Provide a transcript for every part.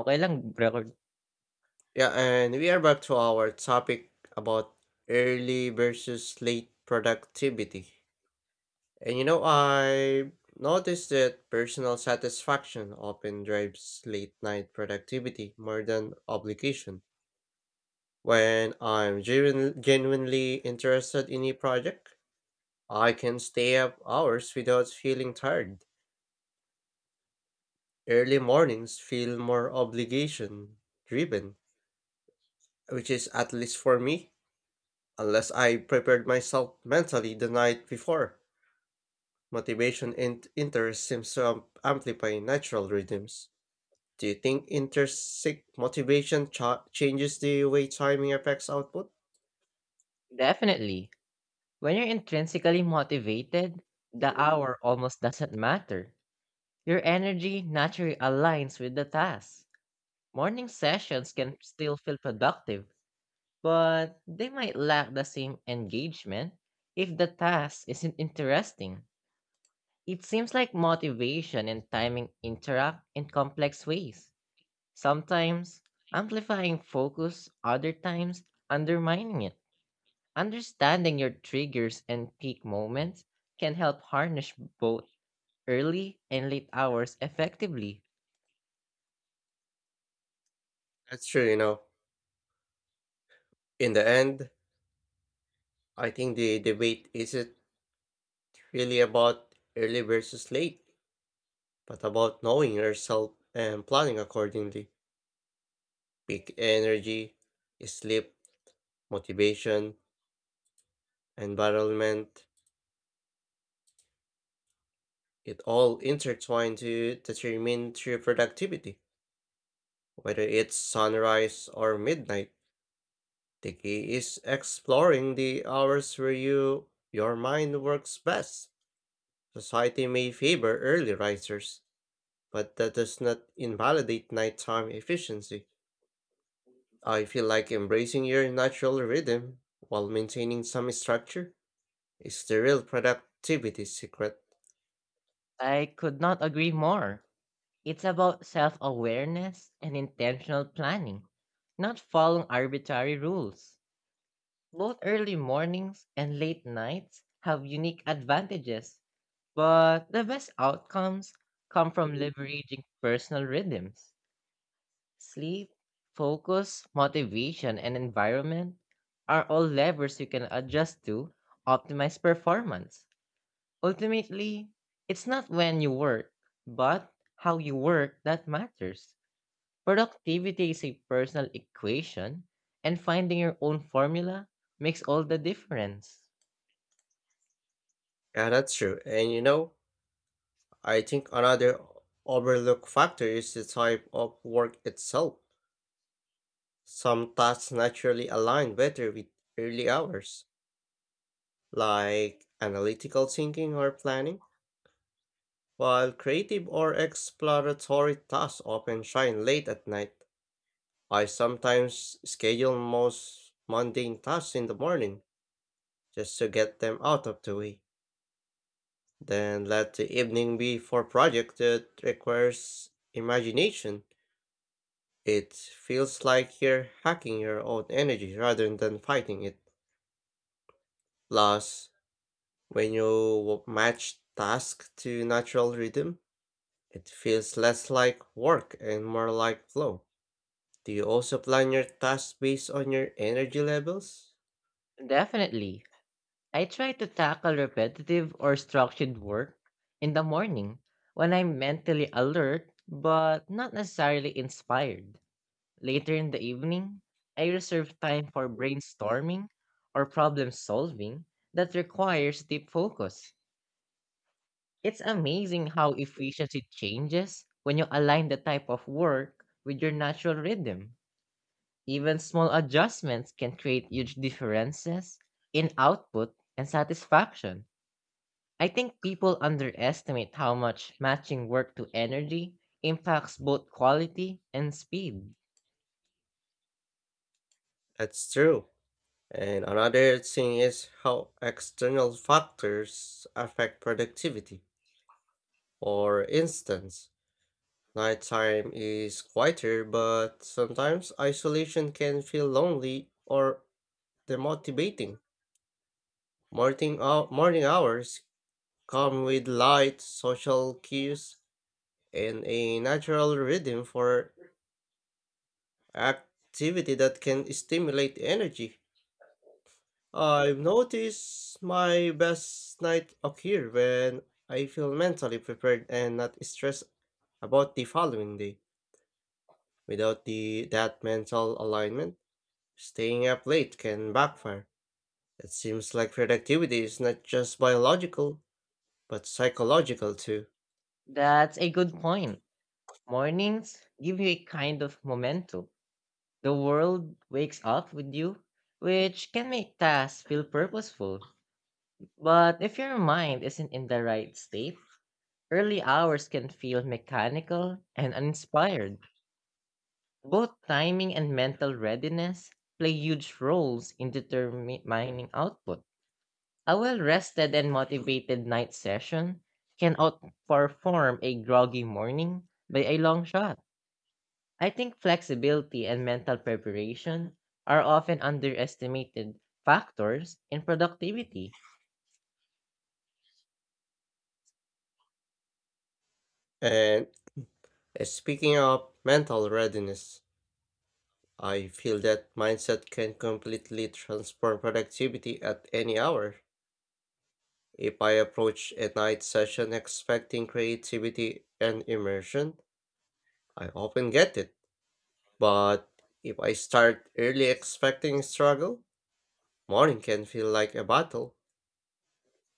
Okey lang record. Yeah, and we are back to our topic about early versus late productivity. I noticed that personal satisfaction often drives late night productivity more than obligation. When I'm genuinely interested in a project, I can stay up hours without feeling tired. Early mornings feel more obligation driven, which is at least for me. Unless I prepared myself mentally the night before, motivation and interest seems to amplify natural rhythms. Do you think intrinsic motivation changes the way timing affects output? Definitely. When you're intrinsically motivated, the hour almost doesn't matter. Your energy naturally aligns with the task. Morning sessions can still feel productive, but they might lack the same engagement if the task isn't interesting. It seems like motivation and timing interact in complex ways, sometimes amplifying focus, other times undermining it. Understanding your triggers and peak moments can help harness both early and late hours effectively. That's true. In the end, I think the debate isn't really about early versus late, but about knowing yourself and planning accordingly. Peak energy, sleep, motivation, environment, it all intertwine to determine true productivity. Whether it's sunrise or midnight, the key is exploring the hours where your mind works best. Society may favor early risers, but that does not invalidate nighttime efficiency. I feel like embracing your natural rhythm while maintaining some structure is the real productivity secret. I could not agree more. It's about self awareness and intentional planning, not following arbitrary rules. Both early mornings and late nights have unique advantages, but the best outcomes come from leveraging personal rhythms. Sleep, focus, motivation, and environment are all levers you can adjust to optimize performance. Ultimately, it's not when you work, but how you work that matters. Productivity is a personal equation, and finding your own formula makes all the difference. Yeah, that's true. I think another overlooked factor is the type of work itself. Some tasks naturally align better with early hours, like analytical thinking or planning, while creative or exploratory tasks often shine late at night. I sometimes schedule most mundane tasks in the morning just to get them out of the way, then let the evening be for projects that requires imagination. It feels like you're hacking your own energy rather than fighting it. Plus, when you match task to natural rhythm, it feels less like work and more like flow. Do you also plan your tasks based on your energy levels? Definitely, I try to tackle repetitive or structured work in the morning when I'm mentally alert but not necessarily inspired. Later in the evening, I reserve time for brainstorming or problem solving that requires deep focus. It's amazing how efficiency changes when you align the type of work with your natural rhythm. Even small adjustments can create huge differences in output and satisfaction. I think people underestimate how much matching work to energy impacts both quality and speed. That's true. And another thing is how external factors affect productivity. For instance, nighttime is quieter, but sometimes isolation can feel lonely or demotivating. Morning hours come with light, social cues, and a natural rhythm for activity that can stimulate energy. I've noticed my best night occur when I feel mentally prepared and not stressed about the following day. Without the that mental alignment, staying up late can backfire. It seems like productivity is not just biological, but psychological too. That's a good point. Mornings give you a kind of momentum. The world wakes up with you, which can make tasks feel purposeful. But if your mind isn't in the right state, early hours can feel mechanical and uninspired. Both timing and mental readiness play huge roles in determining output. A well rested and motivated night session can outperform a groggy morning by a long shot. I think flexibility and mental preparation are often underestimated factors in productivity. And speaking of mental readiness, I feel that mindset can completely transform productivity at any hour. If I approach a night session expecting creativity and immersion, I often get it. But if I start early expecting struggle, morning can feel like a battle.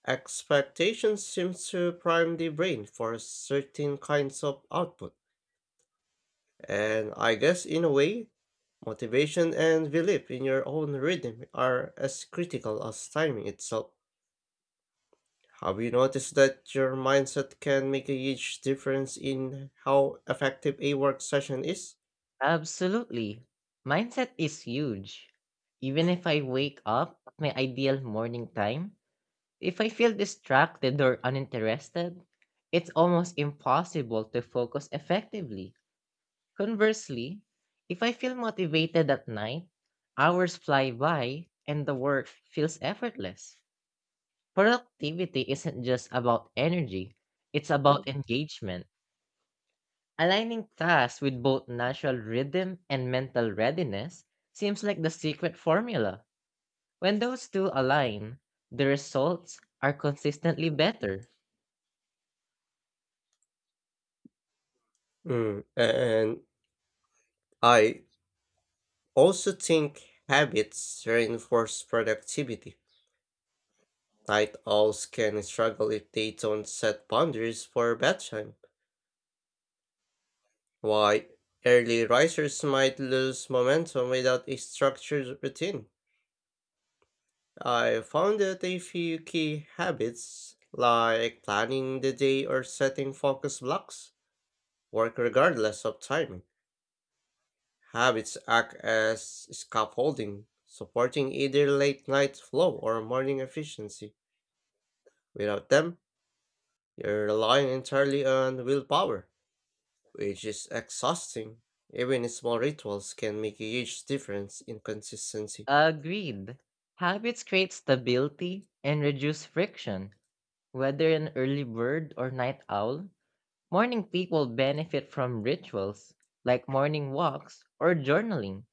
Expectation seems to prime the brain for certain kinds of output, and I guess in a way, motivation and belief in your own rhythm are as critical as timing itself. Have you noticed that your mindset can make a huge difference in how effective a work session is? Absolutely. Mindset is huge. Even if I wake up at my ideal morning time, if I feel distracted or uninterested, it's almost impossible to focus effectively. Conversely, if I feel motivated at night, hours fly by and the work feels effortless. Productivity isn't just about energy, it's about engagement. Aligning tasks with both natural rhythm and mental readiness seems like the secret formula. When those two align, the results are consistently better. Mm, and I also think habits reinforce productivity. Night owls can struggle if they don't set boundaries for bedtime, while early risers might lose momentum without a structured routine. I found that a few key habits, like planning the day or setting focus blocks, work regardless of timing. Habits act as scaffolding, supporting either late night flow or morning efficiency. Without them, you're relying entirely on willpower, which is exhausting. Even small rituals can make a huge difference in consistency. Agreed. Habits create stability and reduce friction. Whether an early bird or night owl, morning people benefit from rituals like morning walks or journaling,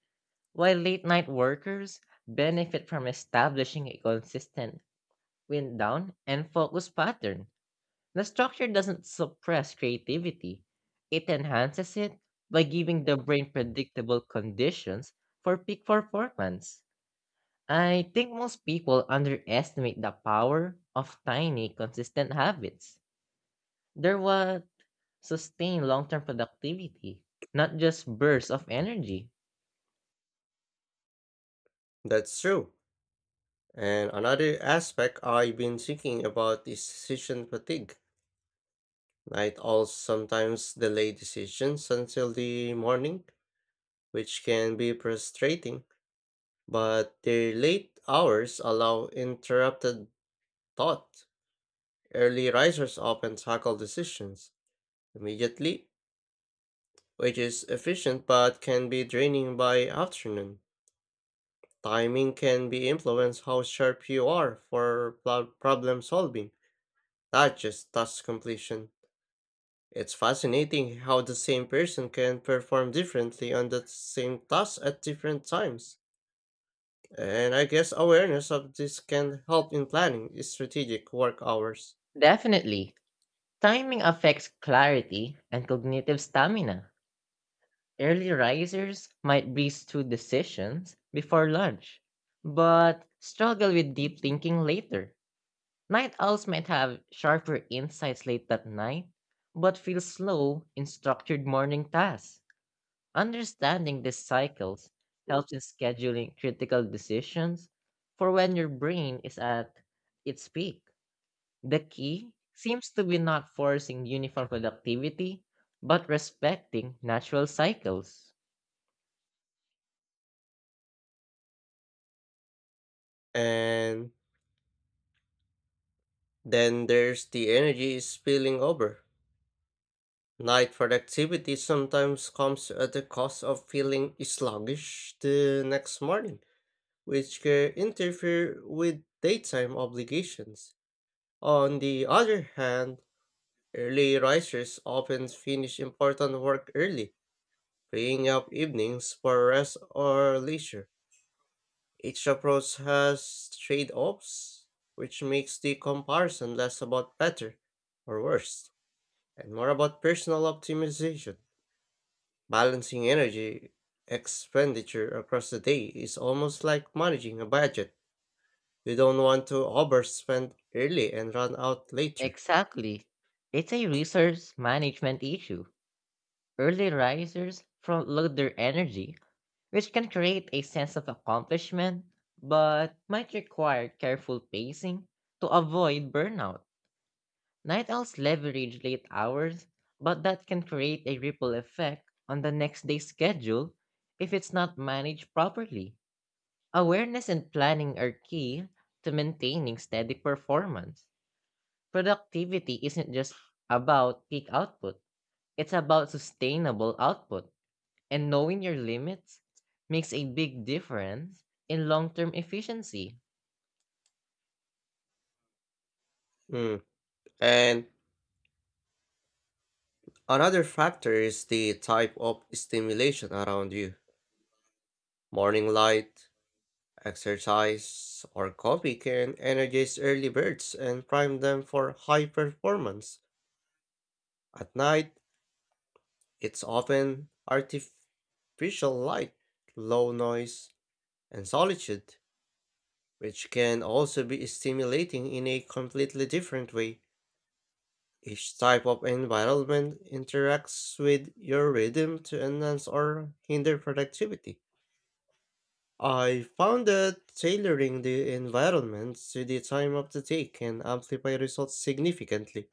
while late night workers benefit from establishing a consistent wind down and focus pattern. The structure doesn't suppress creativity, it enhances it by giving the brain predictable conditions for peak performance. I think most people underestimate the power of tiny, consistent habits. They're what sustain long term productivity, not just bursts of energy. That's true. And another aspect I've been thinking about is decision fatigue. Night owls sometimes delay decisions until the morning, which can be frustrating, but their late hours allow interrupted thought. Early risers often tackle decisions immediately, which is efficient but can be draining by afternoon. Timing can be influenced how sharp you are for problem solving, not just task completion. It's fascinating how the same person can perform differently on the same task at different times. And I guess awareness of this can help in planning strategic work hours. Definitely, timing affects clarity and cognitive stamina. Early risers might breeze through decisions before lunch, but struggle with deep thinking later. Night owls might have sharper insights late at night, but feel slow in structured morning tasks. Understanding these cycles helps in scheduling critical decisions for when your brain is at its peak. The key seems to be not forcing uniform productivity, but respecting natural cycles. And then there's the energy is spilling over. Night productivity sometimes comes at the cost of feeling sluggish the next morning, which can interfere with daytime obligations. On the other hand, early risers often finish important work early, freeing up evenings for rest or leisure. Each approach has trade offs, which makes the comparison less about better or worse and more about personal optimization. Balancing energy expenditure across the day is almost like managing a budget. You don't want to overspend early and run out later. Exactly. It's a resource management issue. Early risers front load their energy, which can create a sense of accomplishment, but might require careful pacing to avoid burnout. Night owls leverage late hours, but that can create a ripple effect on the next day's schedule if it's not managed properly. Awareness and planning are key to maintaining steady performance. Productivity isn't just about peak output, it's about sustainable output, and knowing your limits makes a big difference in long term efficiency. Mm. And another factor is the type of stimulation around you. Morning light, exercise, or coffee can energize early birds and prime them for high performance. At night, it's often artificial light, low noise, and solitude, which can also be stimulating in a completely different way. Each type of environment interacts with your rhythm to enhance or hinder productivity. I found that tailoring the environment to the time of the day can amplify results significantly.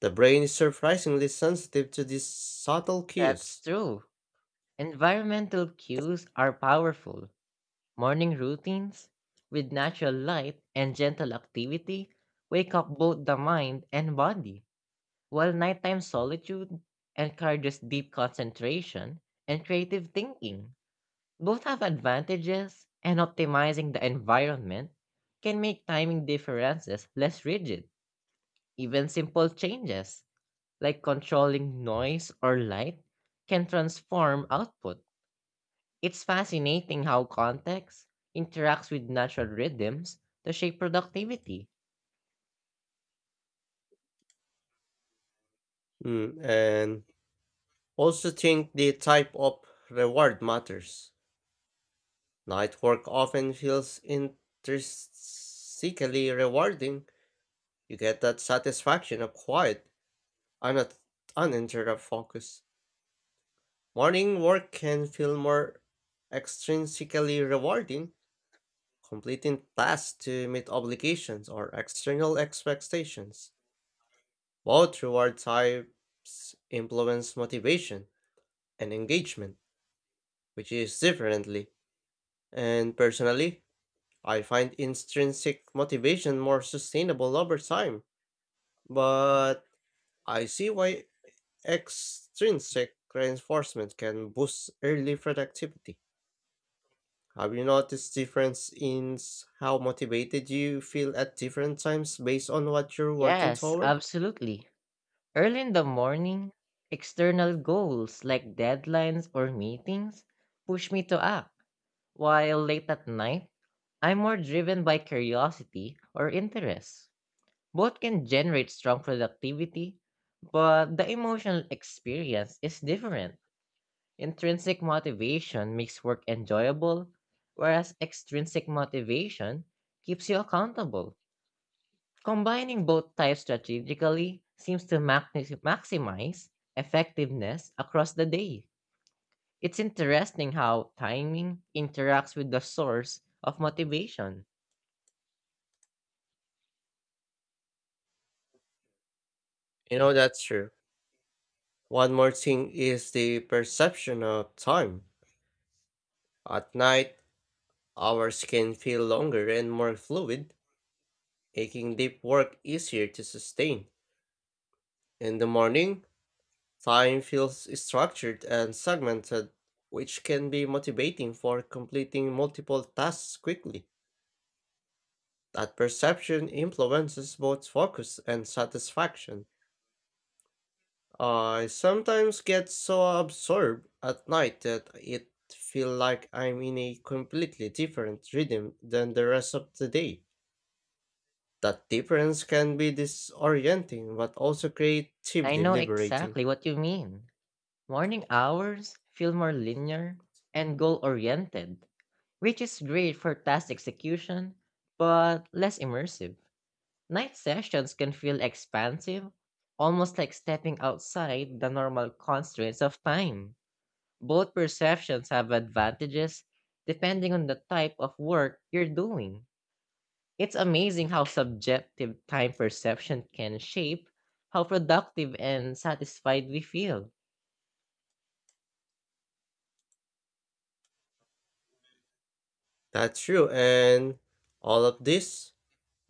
The brain is surprisingly sensitive to these subtle That's cues. true. Environmental cues are powerful. Morning routines with natural light and gentle activity wake up both the mind and body, while nighttime solitude encourages deep concentration and creative thinking. Both have advantages, and optimizing the environment can make timing differences less rigid. Even simple changes, like controlling noise or light, can transform output. It's fascinating how context interacts with natural rhythms to shape productivity. Mm, and also think the type of reward matters. Night work often feels intrinsically rewarding. You get that satisfaction of quiet on a uninterrupted focus. Morning work can feel more extrinsically rewarding, completing tasks to meet obligations or external expectations. Both reward types influence motivation and engagement, which is differently. And personally, I find intrinsic motivation more sustainable over time, but I see why extrinsic reinforcement can boost early productivity. Have you noticed difference in how motivated you feel at different times based on what you're working Yes, toward? absolutely. Early in the morning, external goals like deadlines or meetings push me to act, while late at night, I'm more driven by curiosity or interest. Both can generate strong productivity, but the emotional experience is different. Intrinsic motivation makes work enjoyable, whereas extrinsic motivation keeps you accountable. Combining both types strategically seems to maximize effectiveness across the day. It's interesting how timing interacts with the source of motivation. That's true. One more thing is the perception of time. At night, hours can feel longer and more fluid, making deep work easier to sustain. In the morning, time feels structured and segmented, which can be motivating for completing multiple tasks quickly. That perception influences both focus and satisfaction. I sometimes get so absorbed at night that it feels like I'm in a completely different rhythm than the rest of the day. That difference can be disorienting but also I creatively know liberating. exactly what you mean. Morning hours feel more linear and goal oriented, which is great for task execution, but less immersive. Night sessions can feel expansive, almost like stepping outside the normal constraints of time. Both perceptions have advantages depending on the type of work you're doing. It's amazing how subjective time perception can shape how productive and satisfied we feel. That's true, and all of this,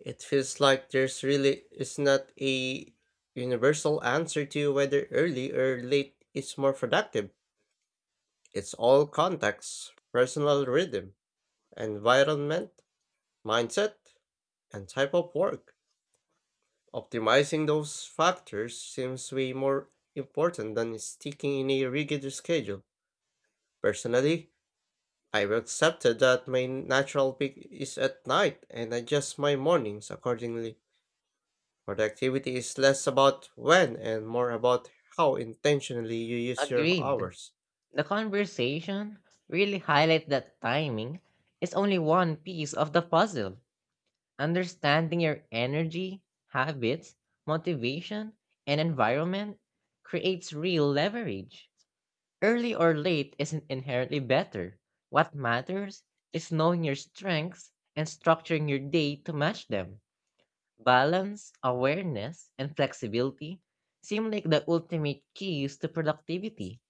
it feels like there's really is not a universal answer to whether early or late is more productive. It's all context, personal rhythm, environment, mindset, and type of work. Optimizing those factors seems way more important than sticking in a rigid schedule. Personally, I've accepted that my natural peak is at night and adjust my mornings accordingly. Productivity is less about when and more about how intentionally you use your Agreed. hours. The conversation really highlights that timing is only one piece of the puzzle. Understanding your energy, habits, motivation, and environment creates real leverage. Early or late isn't inherently better. What matters is knowing your strengths and structuring your day to match them. Balance, awareness, and flexibility seem like the ultimate keys to productivity.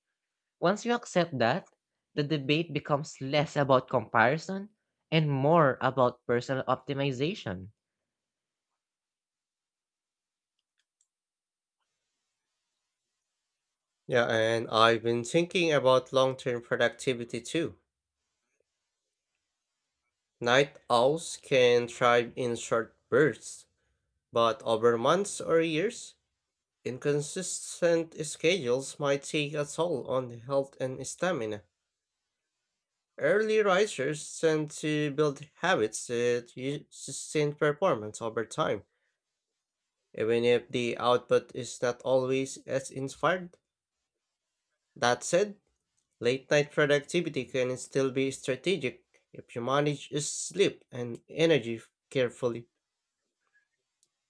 Once you accept that, the debate becomes less about comparison and more about personal optimization. Yeah, and I've been thinking about long term productivity too. Night owls can thrive in short bursts, but over months or years, inconsistent schedules might take a toll on health and stamina. Early risers tend to build habits that sustain performance over time, even if the output is not always as inspired. That said, late night productivity can still be strategic if you manage sleep and energy carefully.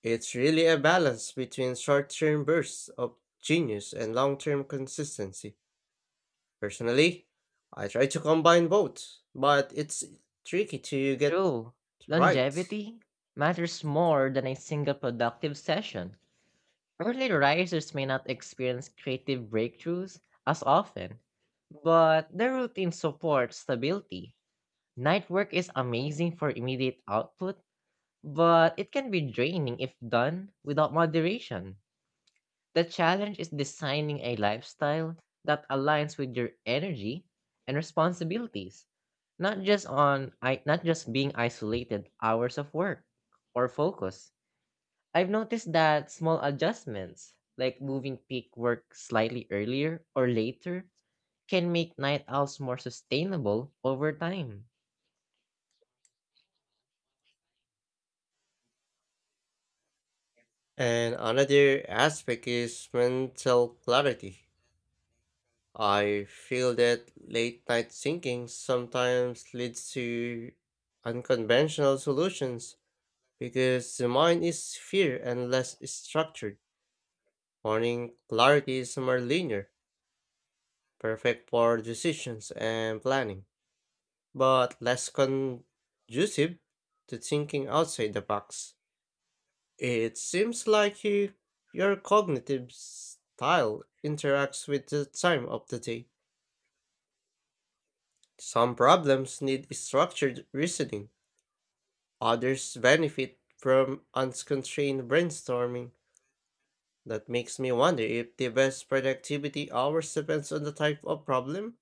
It's really a balance between short term bursts of genius and long term consistency. Personally, I try to combine both, but it's tricky to get True. right. Longevity matters more than a single productive session. Early risers may not experience creative breakthroughs as often, but their routine supports stability. Night work is amazing for immediate output, but it can be draining if done without moderation. The challenge is designing a lifestyle that aligns with your energy and responsibilities, not just being isolated hours of work or focus. I've noticed that small adjustments, like moving peak work slightly earlier or later, can make night owls more sustainable over time. And another aspect is mental clarity. I feel that late night thinking sometimes leads to unconventional solutions because the mind is fear and less structured. Morning clarity is more linear, perfect for decisions and planning, but less conducive to thinking outside the box. It seems like your cognitive style interacts with the time of the day. Some problems need structured reasoning, others benefit from unconstrained brainstorming. That makes me wonder if the best productivity hours depends on the type of problem,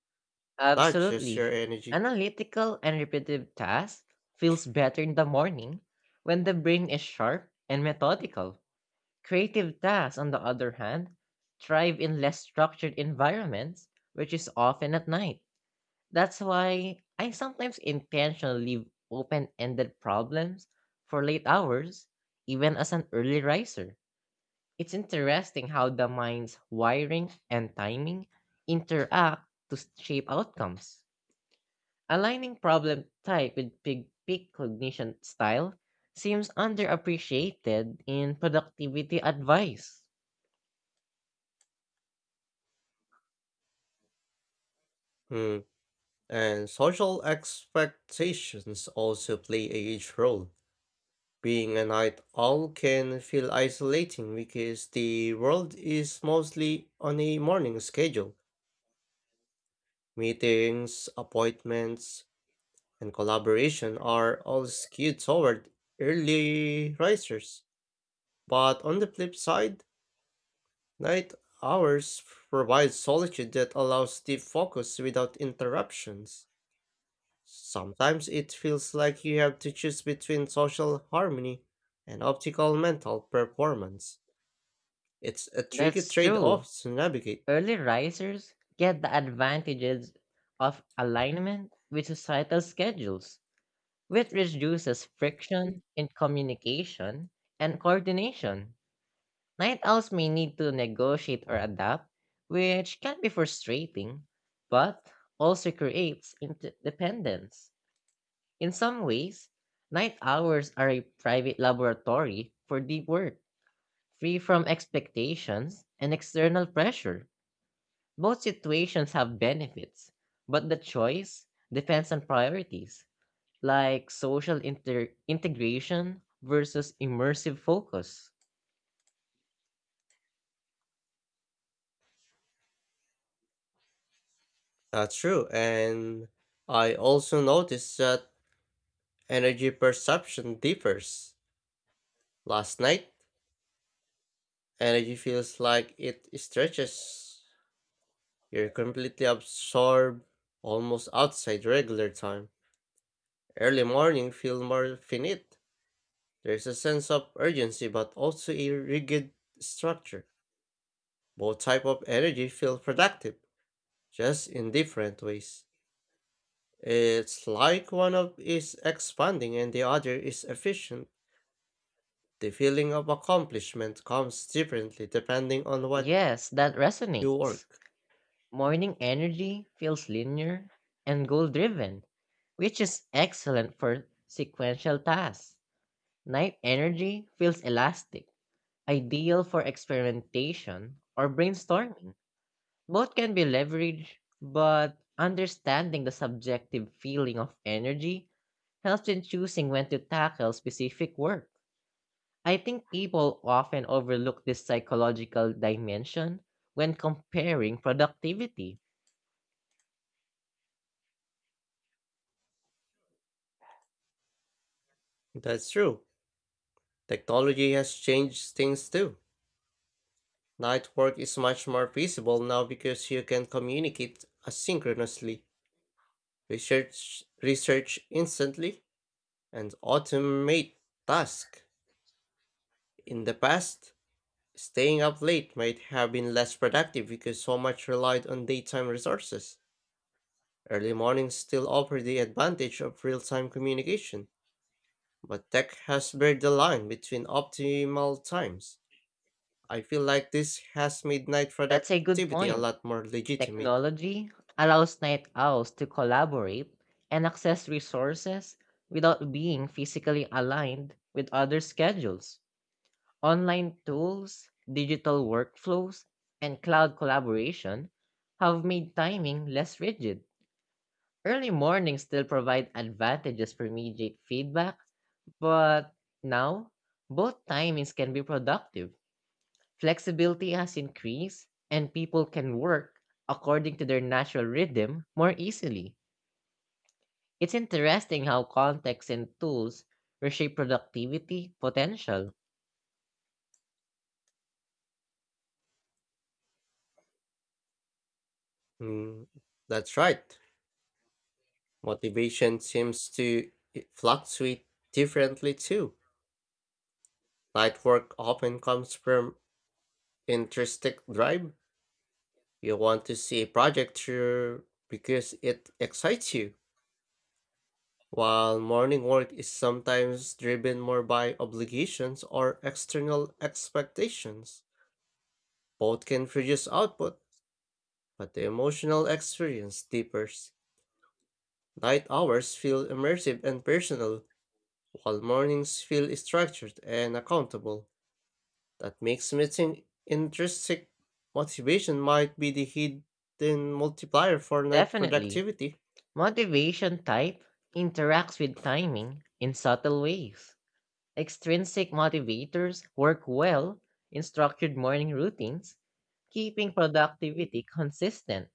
not just Absolutely. your energy. Analytical and repetitive tasks feels better in the morning when the brain is sharp and methodical. Creative tasks, on the other hand, thrive in less structured environments, which is often at night. That's why I sometimes intentionally leave open ended problems for late hours, even as an early riser. It's interesting how the mind's wiring and timing interact to shape outcomes. Aligning problem type with big peak cognition style seems underappreciated in productivity advice. Hmm. And social expectations also play a huge role. Being a night owl can feel isolating because the world is mostly on a morning schedule. Meetings, appointments, and collaboration are all skewed toward early risers. But on the flip side, night hours provide solitude that allows deep focus without interruptions. Sometimes it feels like you have to choose between social harmony and optical mental performance. It's a tricky That's trade true. off to navigate. Early risers get the advantages of alignment with societal schedules, which reduces friction in communication and coordination. Night owls may need to negotiate or adapt, which can be frustrating, but also creates interdependence. In some ways, night hours are a private laboratory for deep work, free from expectations and external pressure. Both situations have benefits, but the choice depends on priorities, like social integration versus immersive focus. That's true, and I also noticed that energy perception differs. Last night, energy feels like it stretches. You're completely absorbed, almost outside regular time. Early morning feel more finite. There's a sense of urgency but also a rigid structure. Both type of energy feel productive, just in different ways. It's like one of is expanding and the other is efficient. The feeling of accomplishment comes differently depending on what Yes, that you resonates. work. Morning energy feels linear and goal driven, which is excellent for sequential tasks. Night energy feels elastic, ideal for experimentation or brainstorming. Both can be leveraged, but understanding the subjective feeling of energy helps in choosing when to tackle specific work. I think people often overlook this psychological dimension when comparing productivity. That's true. Technology has changed things too. Night work is much more feasible now because you can communicate asynchronously, research instantly, and automate tasks. In the past, staying up late might have been less productive because so much relied on daytime resources. Early mornings still offer the advantage of real time communication, but tech has blurred the line between optimal times. I feel like this has made night That's a good productivity a point. lot more legitimate. Technology allows night owls to collaborate and access resources without being physically aligned with other schedules. Online tools, digital workflows, and cloud collaboration have made timing less rigid. Early mornings still provide advantages for immediate feedback, but now both timings can be productive. Flexibility has increased, and people can work according to their natural rhythm more easily. It's interesting how context and tools reshape productivity potential. Mm, that's right. Motivation seems to fluctuate differently too. Night work often comes from intrinsic drive. You want to see a project through because it excites you, while morning work is sometimes driven more by obligations or external expectations. Both can produce output, but the emotional experience differs. Night hours feel immersive and personal, while mornings feel structured and accountable. That makes me think intrinsic motivation might be the hidden multiplier for night Definitely, productivity. motivation type interacts with timing in subtle ways. Extrinsic motivators work well in structured morning routines, keeping productivity consistent.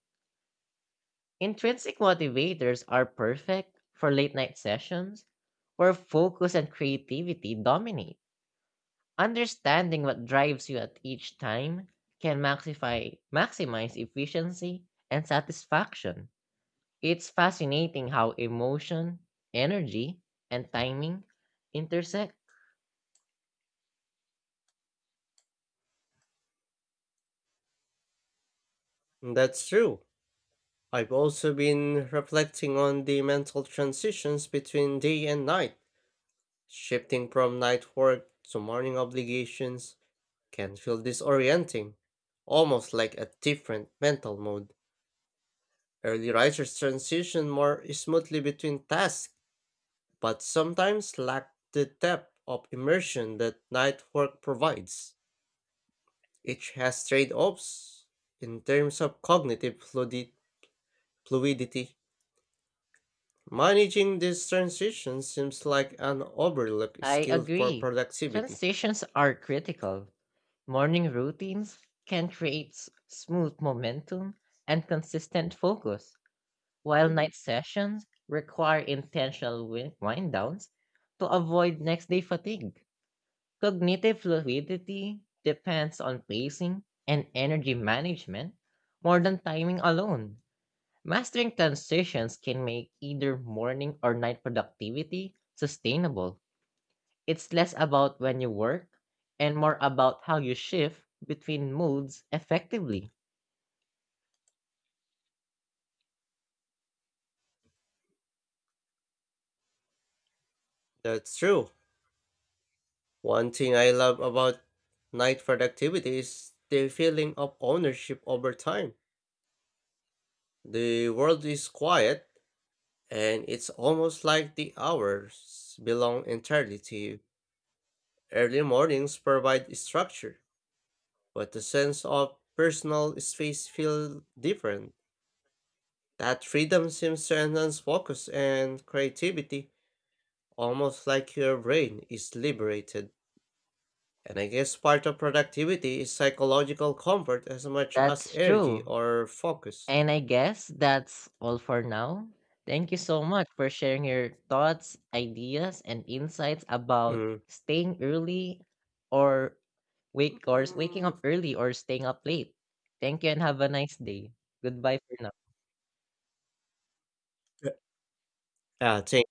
Intrinsic motivators are perfect for late night sessions where focus and creativity dominate. Understanding what drives you at each time can maximize efficiency and satisfaction. It's fascinating how emotion, energy, and timing intersect. That's true. I've also been reflecting on the mental transitions between day and night. Shifting from night work to morning obligations can feel disorienting, almost like a different mental mode. Early writers transition more smoothly between tasks, but sometimes lack the depth of immersion that night work provides. Each has trade offs in terms of cognitive fluidity. Managing this transition seems like an overlooked I skill for agree. productivity. Transitions are critical. Morning routines can create smooth momentum and consistent focus, while night sessions require intentional wind downs to avoid next day fatigue. Cognitive fluidity depends on pacing and energy management more than timing alone. Mastering transitions can make either morning or night productivity sustainable. It's less about when you work and more about how you shift between moods effectively. That's true. One thing I love about night productivity is the feeling of ownership over time. The world is quiet, and it's almost like the hours belong entirely to you. Early mornings provide structure, but the sense of personal space feels different. That freedom seems to enhance focus and creativity. Almost like your brain is liberated. And I guess part of productivity is psychological comfort as much as That's energy true. or focus. And I guess that's all for now. Thank you so much for sharing your thoughts, ideas, and insights about Mm. staying early or wake or waking Mm. up early or staying up late. Thank you and have a nice day. Goodbye for now. Yeah, thank,